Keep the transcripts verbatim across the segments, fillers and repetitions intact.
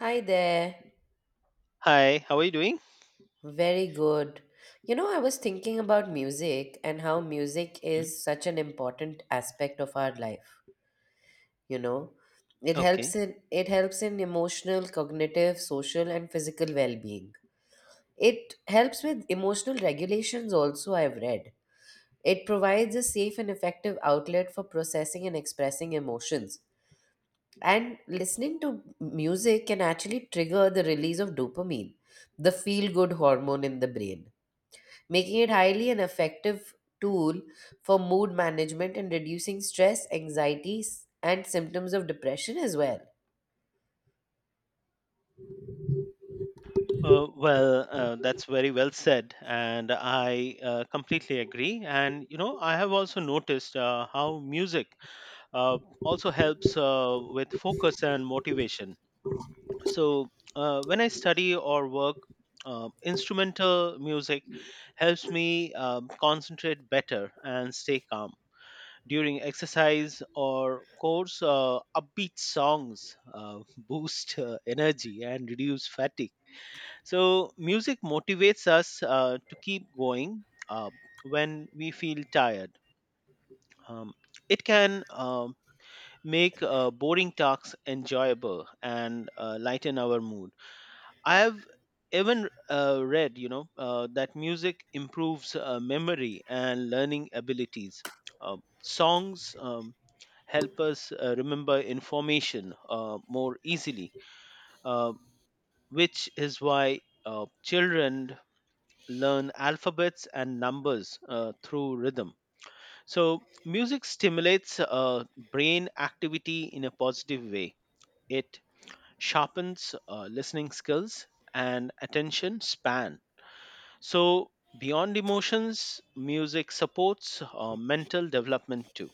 Hi there. Hi, how are you doing? Very good. You know, I was thinking about music and how music Mhm. is such an important aspect of our life, you know. It Okay. helps in it helps in emotional, cognitive, social and physical well-being. It helps with emotional regulations also I've read. It provides a safe and effective outlet for processing and expressing emotions. And listening to music can actually trigger the release of dopamine, the feel good hormone in the brain making it highly an effective tool for mood management and reducing stress, anxiety, s- and symptoms of depression as well. Uh, well, uh, that's very well said, and I uh, completely agree. And you know, I have also noticed uh, how music uh, also helps uh, with focus and motivation. So uh, when I study or work, uh, instrumental music helps me um concentrate better and stay calm. During exercise or course, uh, upbeat songs uh, boost uh, energy and reduce fatigue. So music motivates us uh, to keep going uh, when we feel tired um, it can um, make uh, boring tasks enjoyable and uh, lighten our mood. I've even uh, read, you know, uh, that music improves uh, memory and learning abilities. Um songs um, help us uh, remember information uh, more easily, uh, which is why uh, children learn alphabets and numbers uh, through rhythm. So, music stimulates uh, brain activity in a positive way. It sharpens uh, listening skills and attention span. So, beyond emotions, music supports uh, mental development too.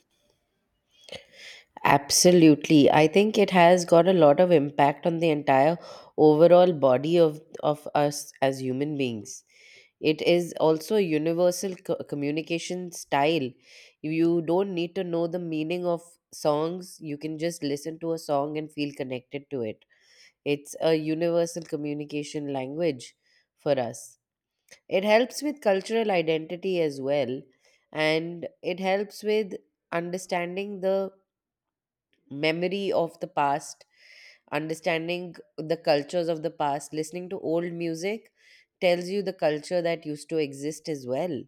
Absolutely. I think it has got a lot of impact on the entire overall body of, of us as human beings. It is also a universal co- communication style. You don't need to know the meaning of songs, you can just listen to a song and feel connected to it. It's a universal communication language for us. It helps with cultural identity as well, and it helps with understanding the memory of the past, understanding the cultures of the past. Listening to old music tells you the culture that used to exist as well.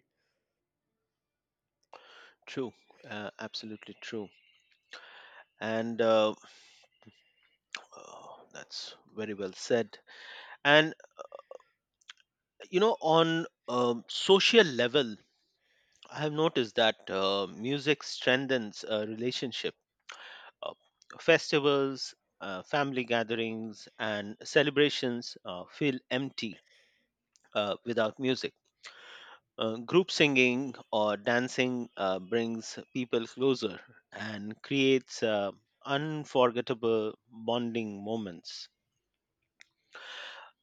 True, uh, absolutely true. And uh, uh, that's very well said. And, you know, on um, social level, I have noticed that uh, music strengthens a relationship. Uh, Festivals, uh, family gatherings, and celebrations uh, feel empty uh, without music. Uh, group singing or dancing uh, brings people closer and creates uh, unforgettable bonding moments.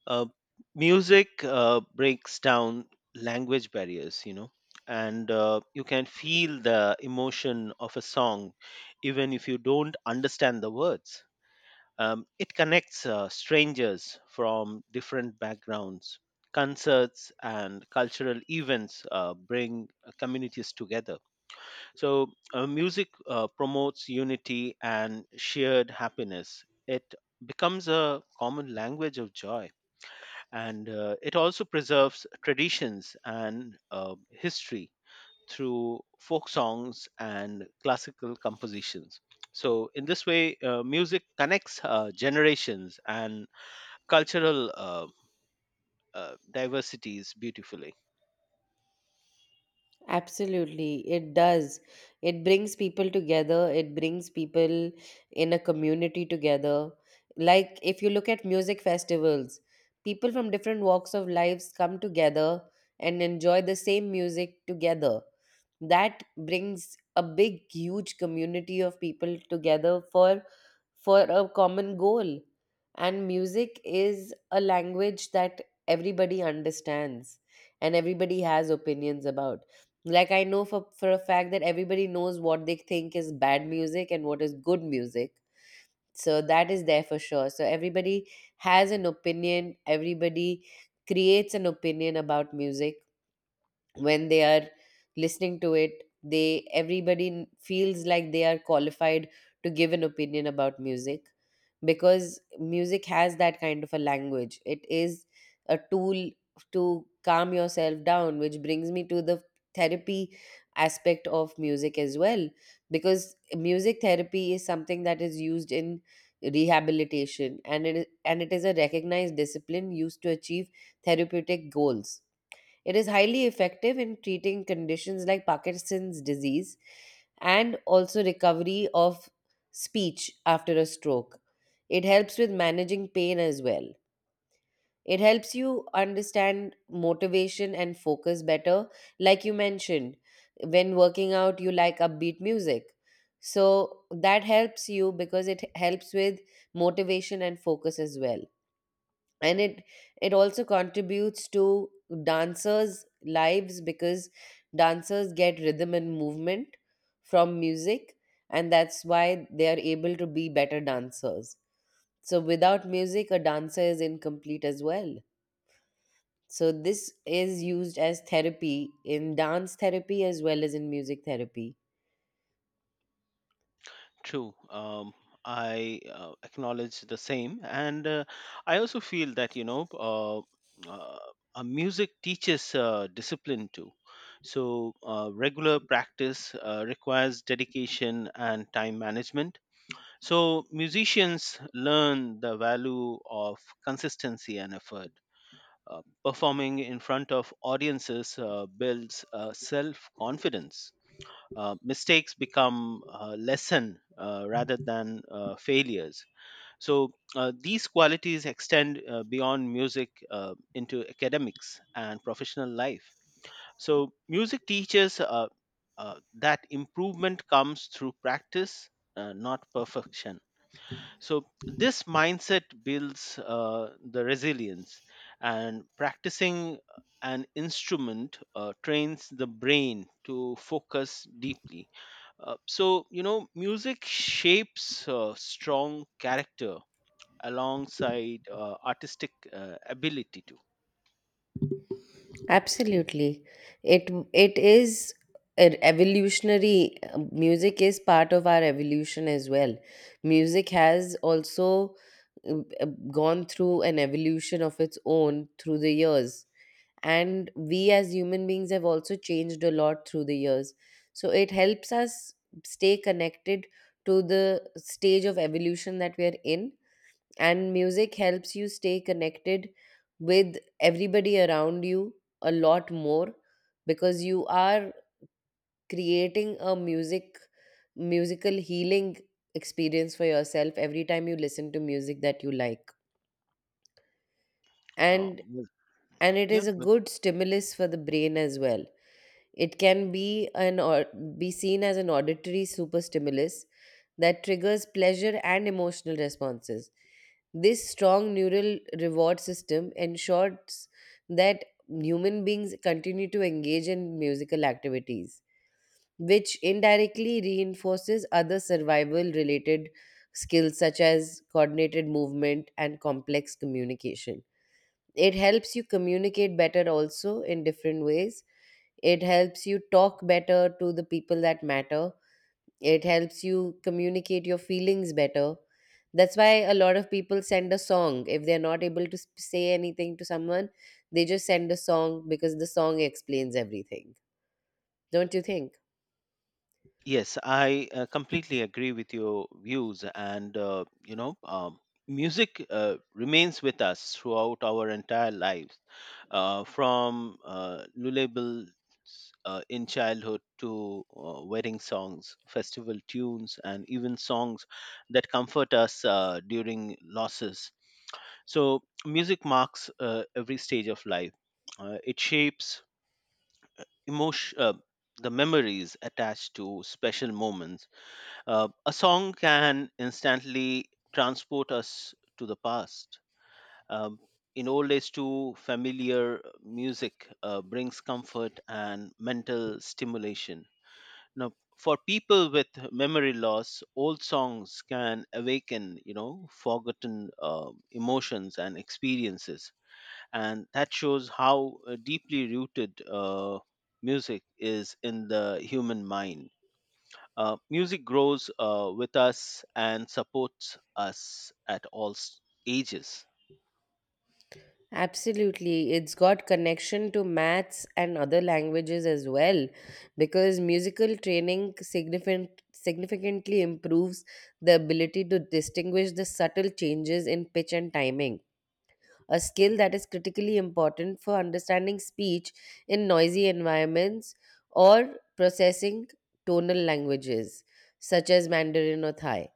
Uh, Music uh, breaks down language barriers, you know, and uh, you can feel the emotion of a song even if you don't understand the words. Um, it connects uh, strangers from different backgrounds. Concerts and cultural events uh, bring uh, communities together. So, uh, music uh, promotes unity and shared happiness. It becomes a common language of joy, and uh, it also preserves traditions and uh, history through folk songs and classical compositions. So, in this way, uh, music connects uh, generations and cultural uh, uh, diversities beautifully. Absolutely, it does. It brings people together, it brings people in a community together. Like if you look at music festivals, people from different walks of lives come together and enjoy the same music together. That brings a big, huge community of people together for for a common goal. And music is a language that everybody understands and everybody has opinions about, like I know for for a fact that everybody knows what they think is bad music and what is good music. So that is there for sure. So everybody has an opinion, everybody creates an opinion about music when they are listening to it, they everybody n- feels like they are qualified to give an opinion about music because music has that kind of a language. It is a tool to calm yourself down, which brings me to the therapy aspect of music as well, because music therapy is something that is used in rehabilitation and it is, and it is a recognized discipline used to achieve therapeutic goals. It is highly effective in treating conditions like Parkinson's disease and also recovery of speech after a stroke. It helps with managing pain as well. It helps you understand motivation and focus better. Like you mentioned, when working out, you like upbeat music. So that helps you because it helps with motivation and focus as well, and it it also contributes to dancers lives because dancers get rhythm and movement from music, and that's why they are able to be better dancers. So without music a dancer is incomplete as well. So this is used as therapy in dance therapy as well as in music therapy. True. Um, I uh, acknowledge the same. And uh, I also feel that, you know, uh, uh, uh, music teaches uh, discipline too. So, uh, regular practice uh, requires dedication and time management. So musicians learn the value of consistency and effort. Uh, performing in front of audiences uh, builds uh, self confidence. Uh, mistakes become a lesson uh, rather than uh, failures. So, uh, these qualities extend uh, beyond music uh, into academics and professional life. So, music teaches uh, uh, that improvement comes through practice, uh, not perfection. So, this mindset builds uh, the resilience, and practicing uh, an instrument uh, trains the brain to focus deeply. Uh, so, you know, music shapes uh, strong character alongside uh, artistic uh, ability too. Absolutely. It it is a evolutionary uh, music is part of our evolution as well. Music has also uh, uh, gone through an evolution of its own through the years, and we as human beings have also changed a lot through the years. So it helps us stay connected to the stage of evolution that we are in, and music helps you stay connected with everybody around you a lot more because you are creating a music musical healing experience for yourself every time you listen to music that you like. Uh, and well yeah, and it yeah, is a but good stimulus for the brain as well. It can be an or be seen as an auditory super stimulus that triggers pleasure and emotional responses. This strong neural reward system ensures that human beings continue to engage in musical activities, which indirectly reinforces other survival related skills such as coordinated movement and complex communication. It helps you communicate better also in different ways. It helps you talk better to the people that matter. It helps you communicate your feelings better. That's why a lot of people send a song if they're not able to s- say anything to someone. They just send a song because the song explains everything. Don't you think? yes, I uh, completely agree with your views, and uh, you know, um, music uh, remains with us throughout our entire lives, uh, from uh, lullabies uh, in childhood to uh, wedding songs, festival tunes, and even songs that comfort us uh, during losses. So, music marks uh, every stage of life. Uh, it shapes emotion, uh, the memories attached to special moments. Uh, a song can instantly transport us to the past. Um, in old age, too, familiar music uh, brings comfort and mental stimulation. Now, for people with memory loss, old songs can awaken, you know, forgotten uh, emotions and experiences, and that shows how uh, deeply rooted uh, music is in the human mind. Uh, music grows uh, with us and supports us at all s- ages. Absolutely. It's got connection to maths and other languages as well, because musical training significant, significantly improves the ability to distinguish the subtle changes in pitch and timing, a skill that is critically important for understanding speech in noisy environments or processing tonal languages such as Mandarin or Thai.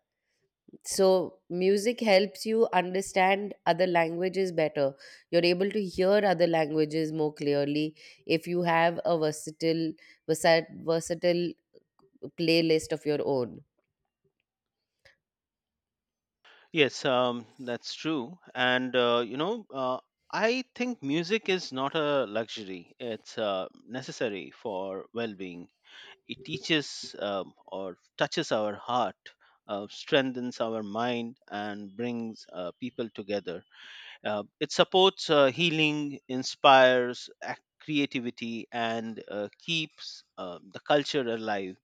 So, music helps you understand other languages better. You're able to hear other languages more clearly if you have a versatile, versa- versatile playlist of your own. Yes, um, that's true. And, uh, you know, uh, I think music is not a luxury, it's uh, necessary for well being. It teaches um, or touches our heart, uh, strengthens our mind, and brings uh, people together. Uh, it supports uh, healing, inspires ac- creativity, and uh, keeps uh, the culture alive.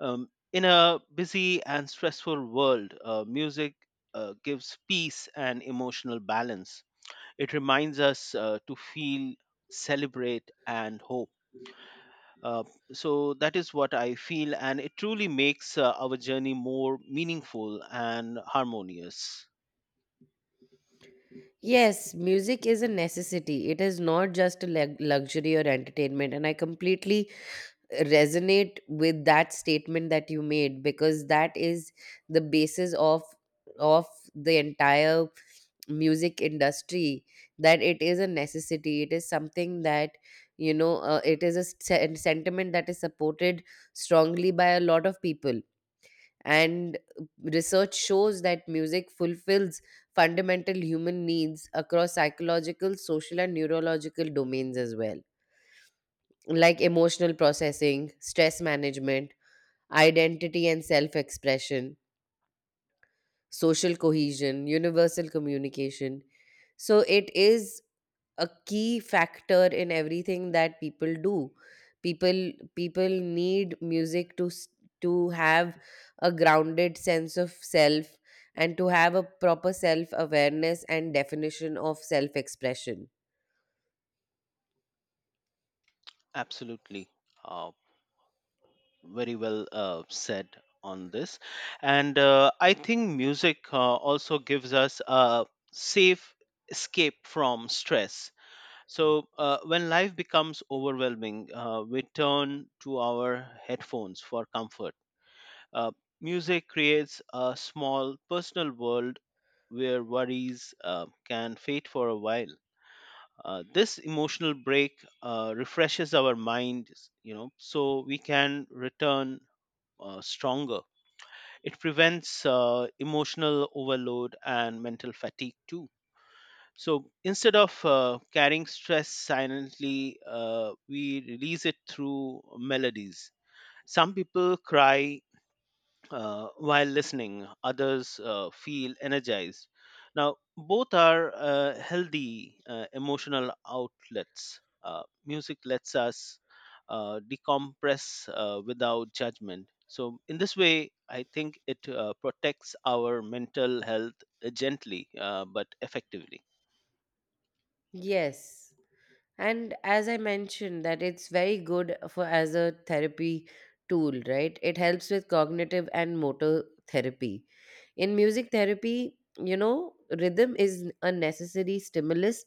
Um, in a busy and stressful world, uh, music uh, gives peace and emotional balance. It reminds us uh, to feel, celebrate, and hope. Uh, so that is what I feel, and it truly makes uh, our journey more meaningful and harmonious. Yes, music is a necessity. It is not just a leg- luxury or entertainment. And I completely resonate with that statement that you made, because that is the basis of of the entire music industry, that it is a necessity. It is something that, you know, uh, it is a sen- sentiment that is supported strongly by a lot of people. And research shows that music fulfills fundamental human needs across psychological, social and neurological domains as well, like emotional processing, stress management, identity and self expression, social cohesion, universal communication. So it is a key factor in everything that people do. People people need music to s- to have a grounded sense of self, and to have a proper self awareness and definition of self expression. Absolutely. Uh, Very well uh, said on this. And uh, I think music uh, also gives us a safe escape from stress. So uh, when life becomes overwhelming, uh, we turn to our headphones for comfort. Uh, Music creates a small personal world where worries uh, can fade for a while. Uh, this emotional break uh, refreshes our minds, you know, so we can return uh, stronger. It prevents uh, emotional overload and mental fatigue too. So instead of uh, carrying stress silently, uh, we release it through melodies. Some people cry uh, while listening, others uh, feel energized. Now both are uh, healthy uh, emotional outlets. Uh, music lets us uh, decompress uh, without judgment. So in this way I think it uh, protects our mental health uh, gently uh, but effectively. Yes. And as I mentioned, that it's very good for as a therapy tool, right? It helps with cognitive and motor therapy. In music therapy, you know, rhythm is a necessary stimulus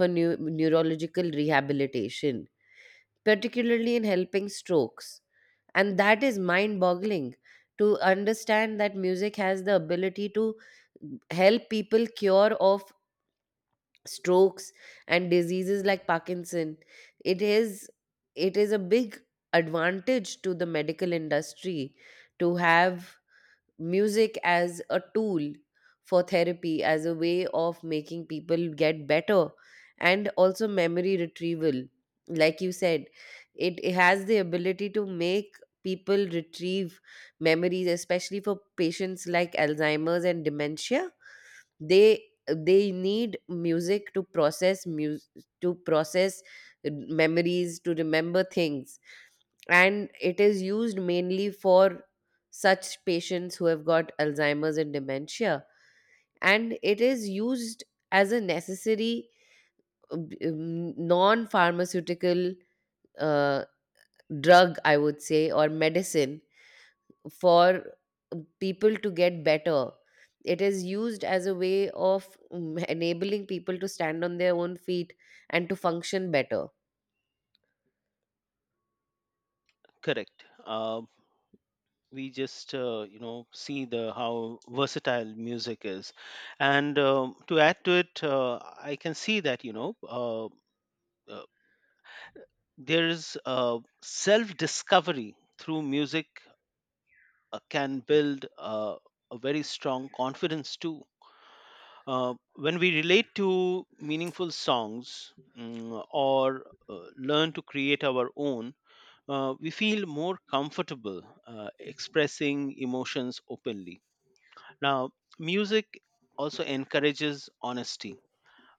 for new neurological rehabilitation, particularly in helping strokes. And that is mind boggling, to understand that music has the ability to help people cure of strokes and diseases like parkinson. It is it is a big advantage to the medical industry to have music as a tool for therapy, as a way of making people get better. And also memory retrieval, like you said, it, it has the ability to make people retrieve memories, especially for patients like alzheimer's and dementia. They they need music to process mus- to process memories, to remember things. And it is used mainly for such patients who have got alzheimer's and dementia. And it is used as a necessary non pharmaceutical uh, drug, I would say, or medicine, for people to get better. It is used as a way of mm, enabling people to stand on their own feet and to function better. Correct. Uh, we just uh, you know, see the how versatile music is, and um, to add to it, uh, I can see that, you know, uh, uh, there is uh, self discovery through music uh, can build uh, a very strong confidence too. Uh, when we relate to meaningful songs, mm, or uh, learn to create our own, uh, we feel more comfortable uh, expressing emotions openly. Now, music also encourages honesty.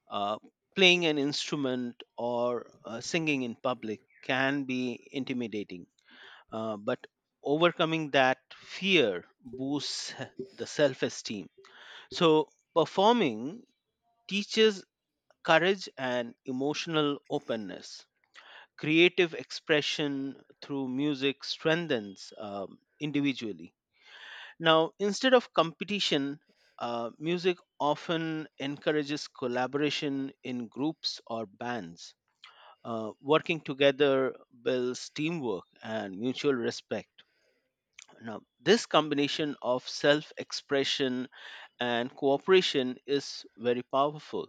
Uh, Playing an instrument or uh, singing in public can be intimidating, uh, but overcoming that fear boosts the self esteem. So, performing teaches courage and emotional openness. Creative expression through music strengthens um, individually. Now, instead of competition, uh, music often encourages collaboration in groups or bands. Uh, working together builds teamwork and mutual respect. Now, this combination of self expression and cooperation is very powerful.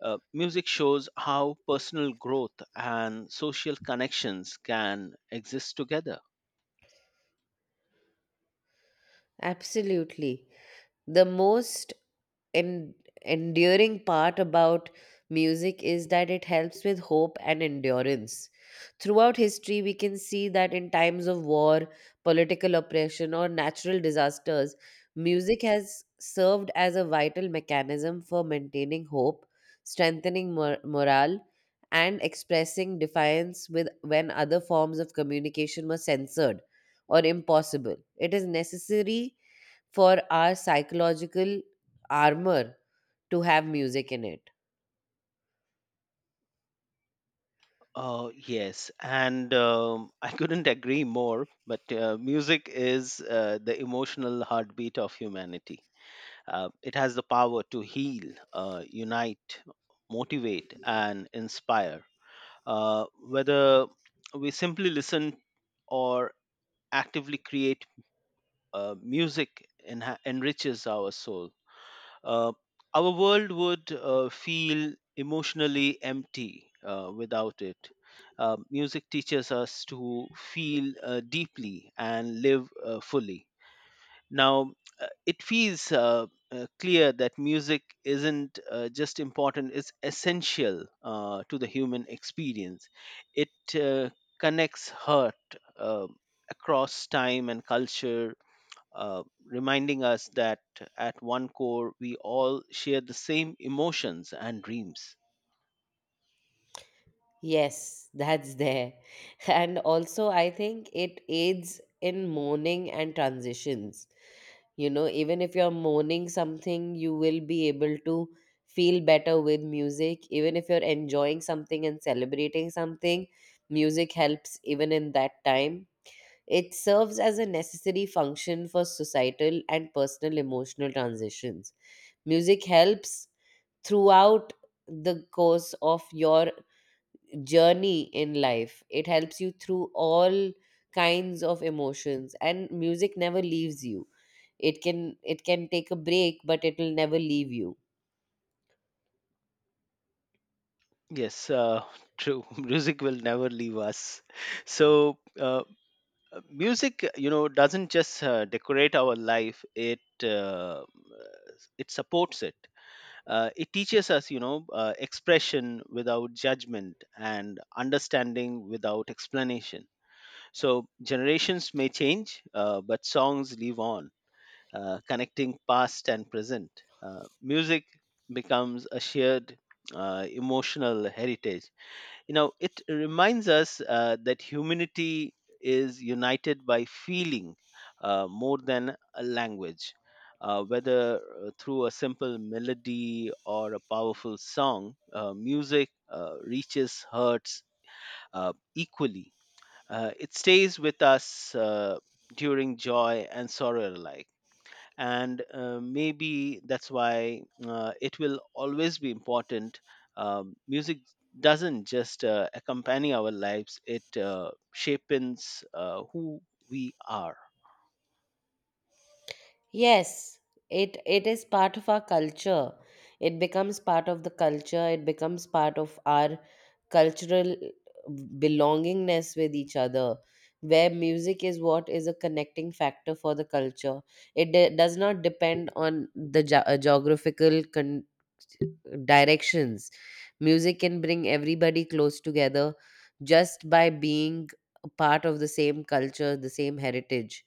Uh, music shows how personal growth and social connections can exist together. Absolutely. The most en- enduring part about music is that it helps with hope and endurance. Throughout history, we can see that in times of war, political oppression, or natural disasters, music has served as a vital mechanism for maintaining hope, strengthening mor- morale, and expressing defiance with when other forms of communication were censored or impossible. It is necessary for our psychological armor to have music in it. Oh, yes. And um, I couldn't agree more, but uh, music is uh, the emotional heartbeat of humanity. Uh, it has the power to heal, uh, unite, motivate, and inspire. Uh, whether we simply listen or actively create uh, music, enha- enriches our soul. Uh, our world would uh, feel emotionally empty uh, without it. Uh, music teaches us to feel uh, deeply and live uh, fully. Now, uh, it feels uh, uh, clear that music isn't uh, just important, it's essential uh, to the human experience. It uh, connects hurt uh, across time and culture, uh, reminding us that at one core we all share the same emotions and dreams. Yes, that's there. And also, I think it aids in mourning and transitions. You know, even if you're mourning something, you will be able to feel better with music. Even if you're enjoying something and celebrating something, music helps even in that time. It serves as a necessary function for societal and personal emotional transitions. Music helps throughout the course of your journey in life. It helps you through all kinds of emotions, and music never leaves you. It can it can take a break, but it will never leave you. Yes, uh, true. Music will never leave us. So, uh, music, you know, doesn't just uh, decorate our life; it uh, it supports it. Uh, it teaches us, you know, uh, expression without judgment and understanding without explanation. So generations may change, uh, but songs live on, uh, connecting past and present. Uh, music becomes a shared uh, emotional heritage. You know, it reminds us uh, that humanity is united by feeling uh, more than a language. Uh, whether uh, through a simple melody or a powerful song, uh, music uh, reaches hearts uh, equally. Uh, it stays with us uh, during joy and sorrow alike, and uh, maybe that's why uh, it will always be important. Um, music doesn't just uh, accompany our lives, it uh, shapes uh, who we are. Yes, it it is part of our culture. It becomes part of the culture. It becomes part of our cultural belongingness with each other. Where music is what is a connecting factor for the culture. It de- does not depend on the ge- uh, geographical con- directions. Music can bring everybody close together just by being a part of the same culture, the same heritage,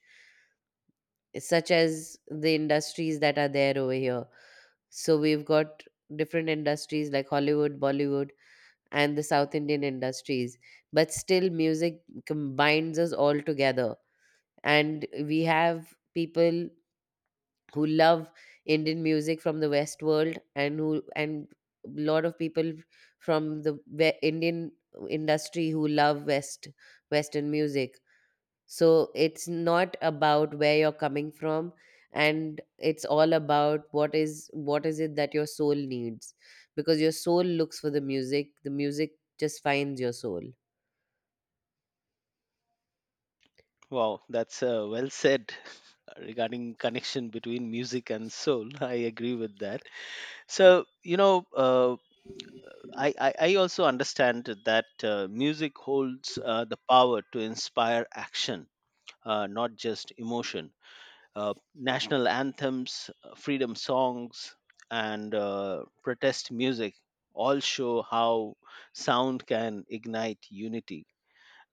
such as the industries that are there over here. So we've got different industries like Hollywood, Bollywood, and the South Indian industries, but still music combines us all together. And we have people who love Indian music from the West world, and who and a lot of people from the we- Indian industry who love West Western music. So it's not about where you're coming from, and it's all about what is what is it that your soul needs, because your soul looks for the music, the music just finds your soul. Wow, that's uh, well said regarding connection between music and soul. I agree with that. So you know, uh, I, I I also understand that uh, music holds uh, the power to inspire action, uh, not just emotion. Uh, national anthems, uh, freedom songs, and uh, protest music all show how sound can ignite unity.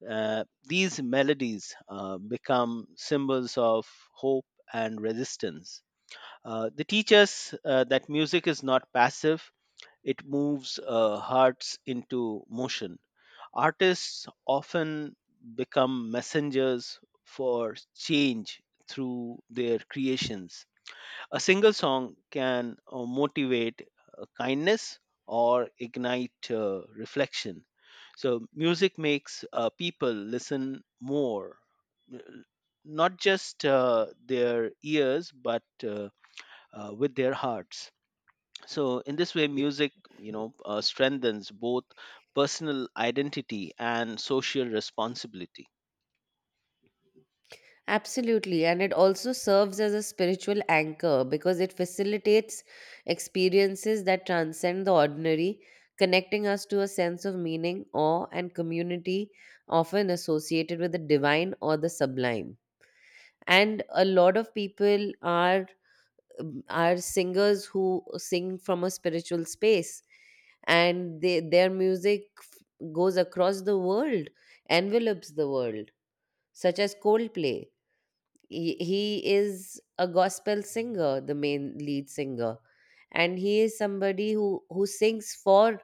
uh, These melodies uh, become symbols of hope and resistance. Uh, they teach us uh, that music is not passive, it moves uh, hearts into motion. Artists often become messengers for change through their creations. A single song can uh, motivate uh, kindness or ignite uh, reflection. So, music makes uh, people listen more, n- not just uh, their ears, but uh, uh, with their hearts. So, in this way, music, you know, uh, strengthens both personal identity and social responsibility. Absolutely. And it also serves as a spiritual anchor, because it facilitates experiences that transcend the ordinary, connecting us to a sense of meaning, awe, and community often associated with the divine or the sublime. And a lot of people are um, are singers who sing from a spiritual space, and they, their music f- goes across the world, envelops the world, such as coldplay. He, he is a gospel singer, the main lead singer, and he is somebody who who sings for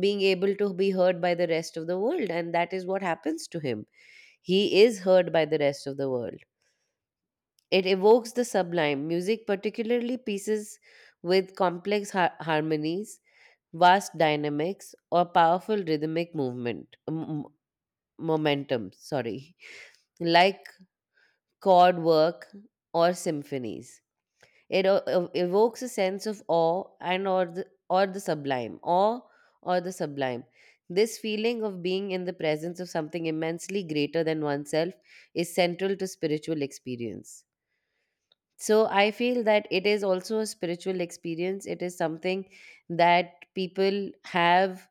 being able to be heard by the rest of the world, and that is what happens to him. He is heard by the rest of the world. It evokes the sublime. Music, particularly pieces with complex har- harmonies, vast dynamics, or powerful rhythmic movement m- momentum, sorry, like chord work or symphonies. It o- ev- evokes a sense of awe and or the, or the sublime, awe or the sublime. This feeling of being in the presence of something immensely greater than oneself is central to spiritual experience. So I feel that it is also a spiritual experience. It is something that people have,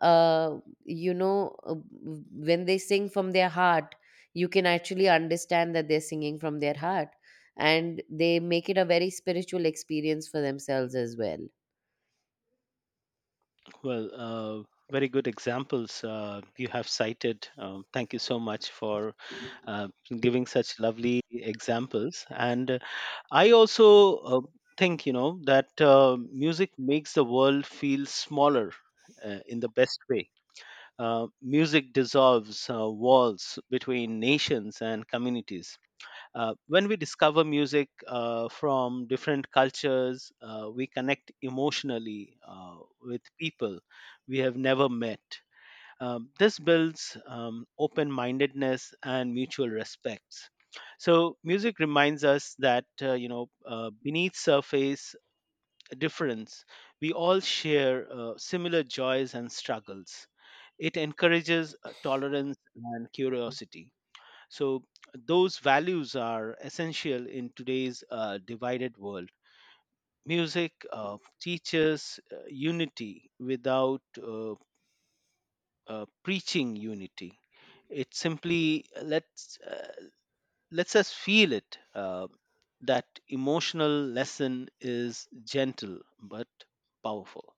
uh, you know, uh, w- when they sing from their heart, you can actually understand that they're singing from their heart. And they make it a very spiritual experience for themselves as well. Well, uh, very good examples uh, you have cited. Um, thank you so much for uh, giving such lovely examples. And uh, I also uh, think, you know, that uh, music makes the world feel smaller uh, in the best way. Uh, music dissolves uh, walls between nations and communities. Uh, when we discover music uh, from different cultures, uh, we connect emotionally uh, with people we have never met. Um, this builds um, open mindedness and mutual respects. So, music reminds us that, uh, you know, uh, beneath surface difference, we all share uh, similar joys and struggles. It encourages uh, tolerance and curiosity. So, those values are essential in today's uh, divided world. Music uh, teaches uh, unity without uh, uh, preaching unity. It simply lets uh, lets us feel it. Uh, that emotional lesson is gentle but powerful.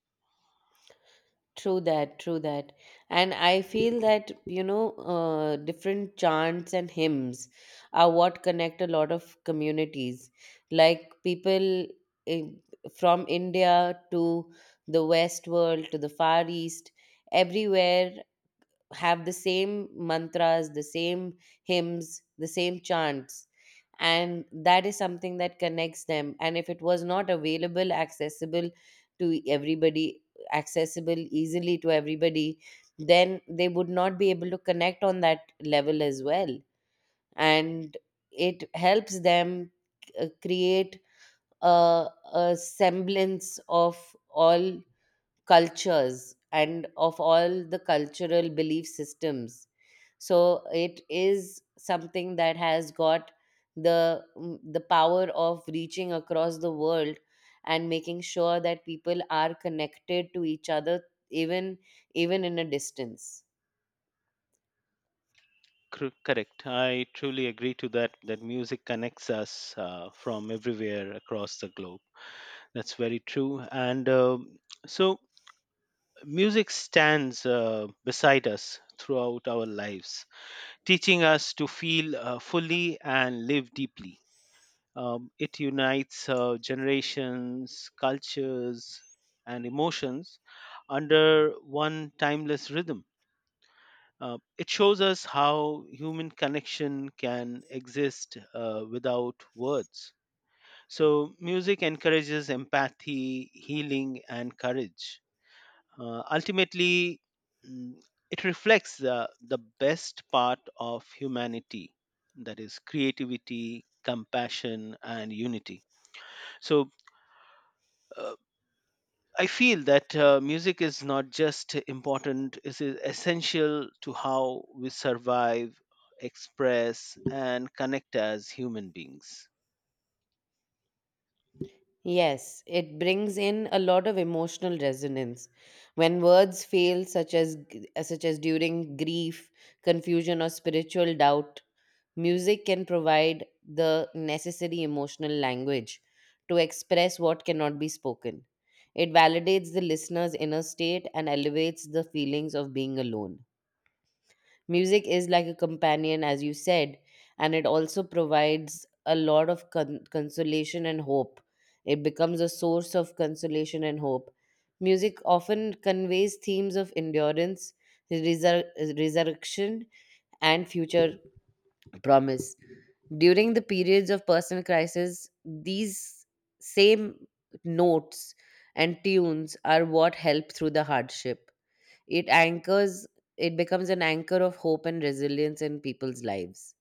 True that, true that. And I feel that, you know, uh, different chants and hymns are what connect a lot of communities. Like people in, from India to the West world to the Far East, everywhere have the same mantras, the same hymns, the same chants. And that is something that connects them. And if it was not available, accessible to everybody, accessible easily to everybody, then they would not be able to connect on that level as well. And it helps them uh, create a, a semblance of all cultures, and of all the cultural belief systems. So it is something that has got the mm, the power of reaching across the world and making sure that people are connected to each other, even even in a distance. Cor- Correct. I truly agree to that, that music connects us uh, from everywhere across the globe. That's very true. And um so, music stands uh, beside us throughout our lives, teaching us to feel uh, fully and live deeply. Um, it unites uh, generations, cultures, and emotions under one timeless rhythm. Uh, it shows us how human connection can exist uh, without words. So, music encourages empathy, healing, and courage. Uh, ultimately, mm, it reflects the, the best part of humanity, that is, creativity, compassion, and unity. So, uh, I feel that uh, music is not just important, it is essential to how we survive, express, and connect as human beings. Yes, it brings in a lot of emotional resonance when words fail, such as such as during grief, confusion or spiritual doubt. Music can provide the necessary emotional language to express what cannot be spoken. It validates the listener's inner state and elevates the feelings of being alone. Music is like a companion, as you said, and it also provides a lot of con- consolation and hope. It becomes a source of consolation and hope. Music often conveys themes of endurance, resur- resurrection, and future promise. During the periods of personal crisis, these same notes and tunes are what help through the hardship. It anchors, it becomes an anchor of hope and resilience in people's lives.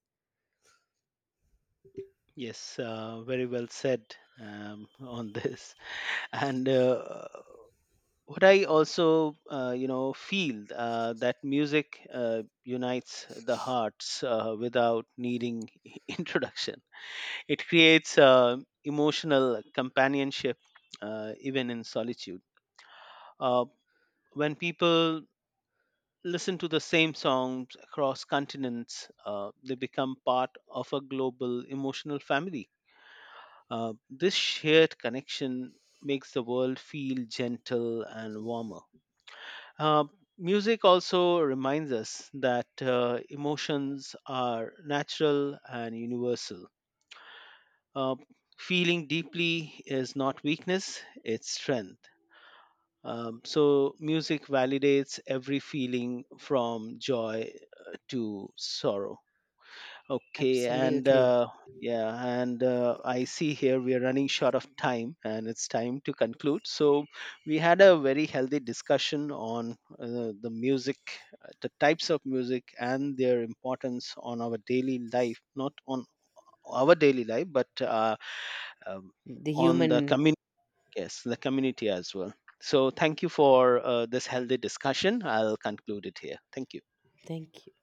Yes, uh, very well said um, on this. And uh, what I also, uh, you know, feel uh, that music uh, unites the hearts uh, without needing introduction. It creates uh, emotional companionship, uh, even in solitude. Uh, when people listen to the same songs across continents, uh, they become part of a global emotional family. Uh, this shared connection makes the world feel gentle and warmer. Uh, Music also reminds us that uh, emotions are natural and universal. Uh, Feeling deeply is not weakness, it's strength. Um, so, music validates every feeling from joy uh, to sorrow. Okay, and Absolutely. uh, yeah, and uh, I see here we are running short of time and it's time to conclude. So, we had a very healthy discussion on uh, the music, uh, the types of music, and their importance on our daily life, not on our daily life, but uh, um, The on the human. community, yes, the community as well. So, thank you for uh, this healthy discussion. I'll conclude it here. Thank you. Thank you.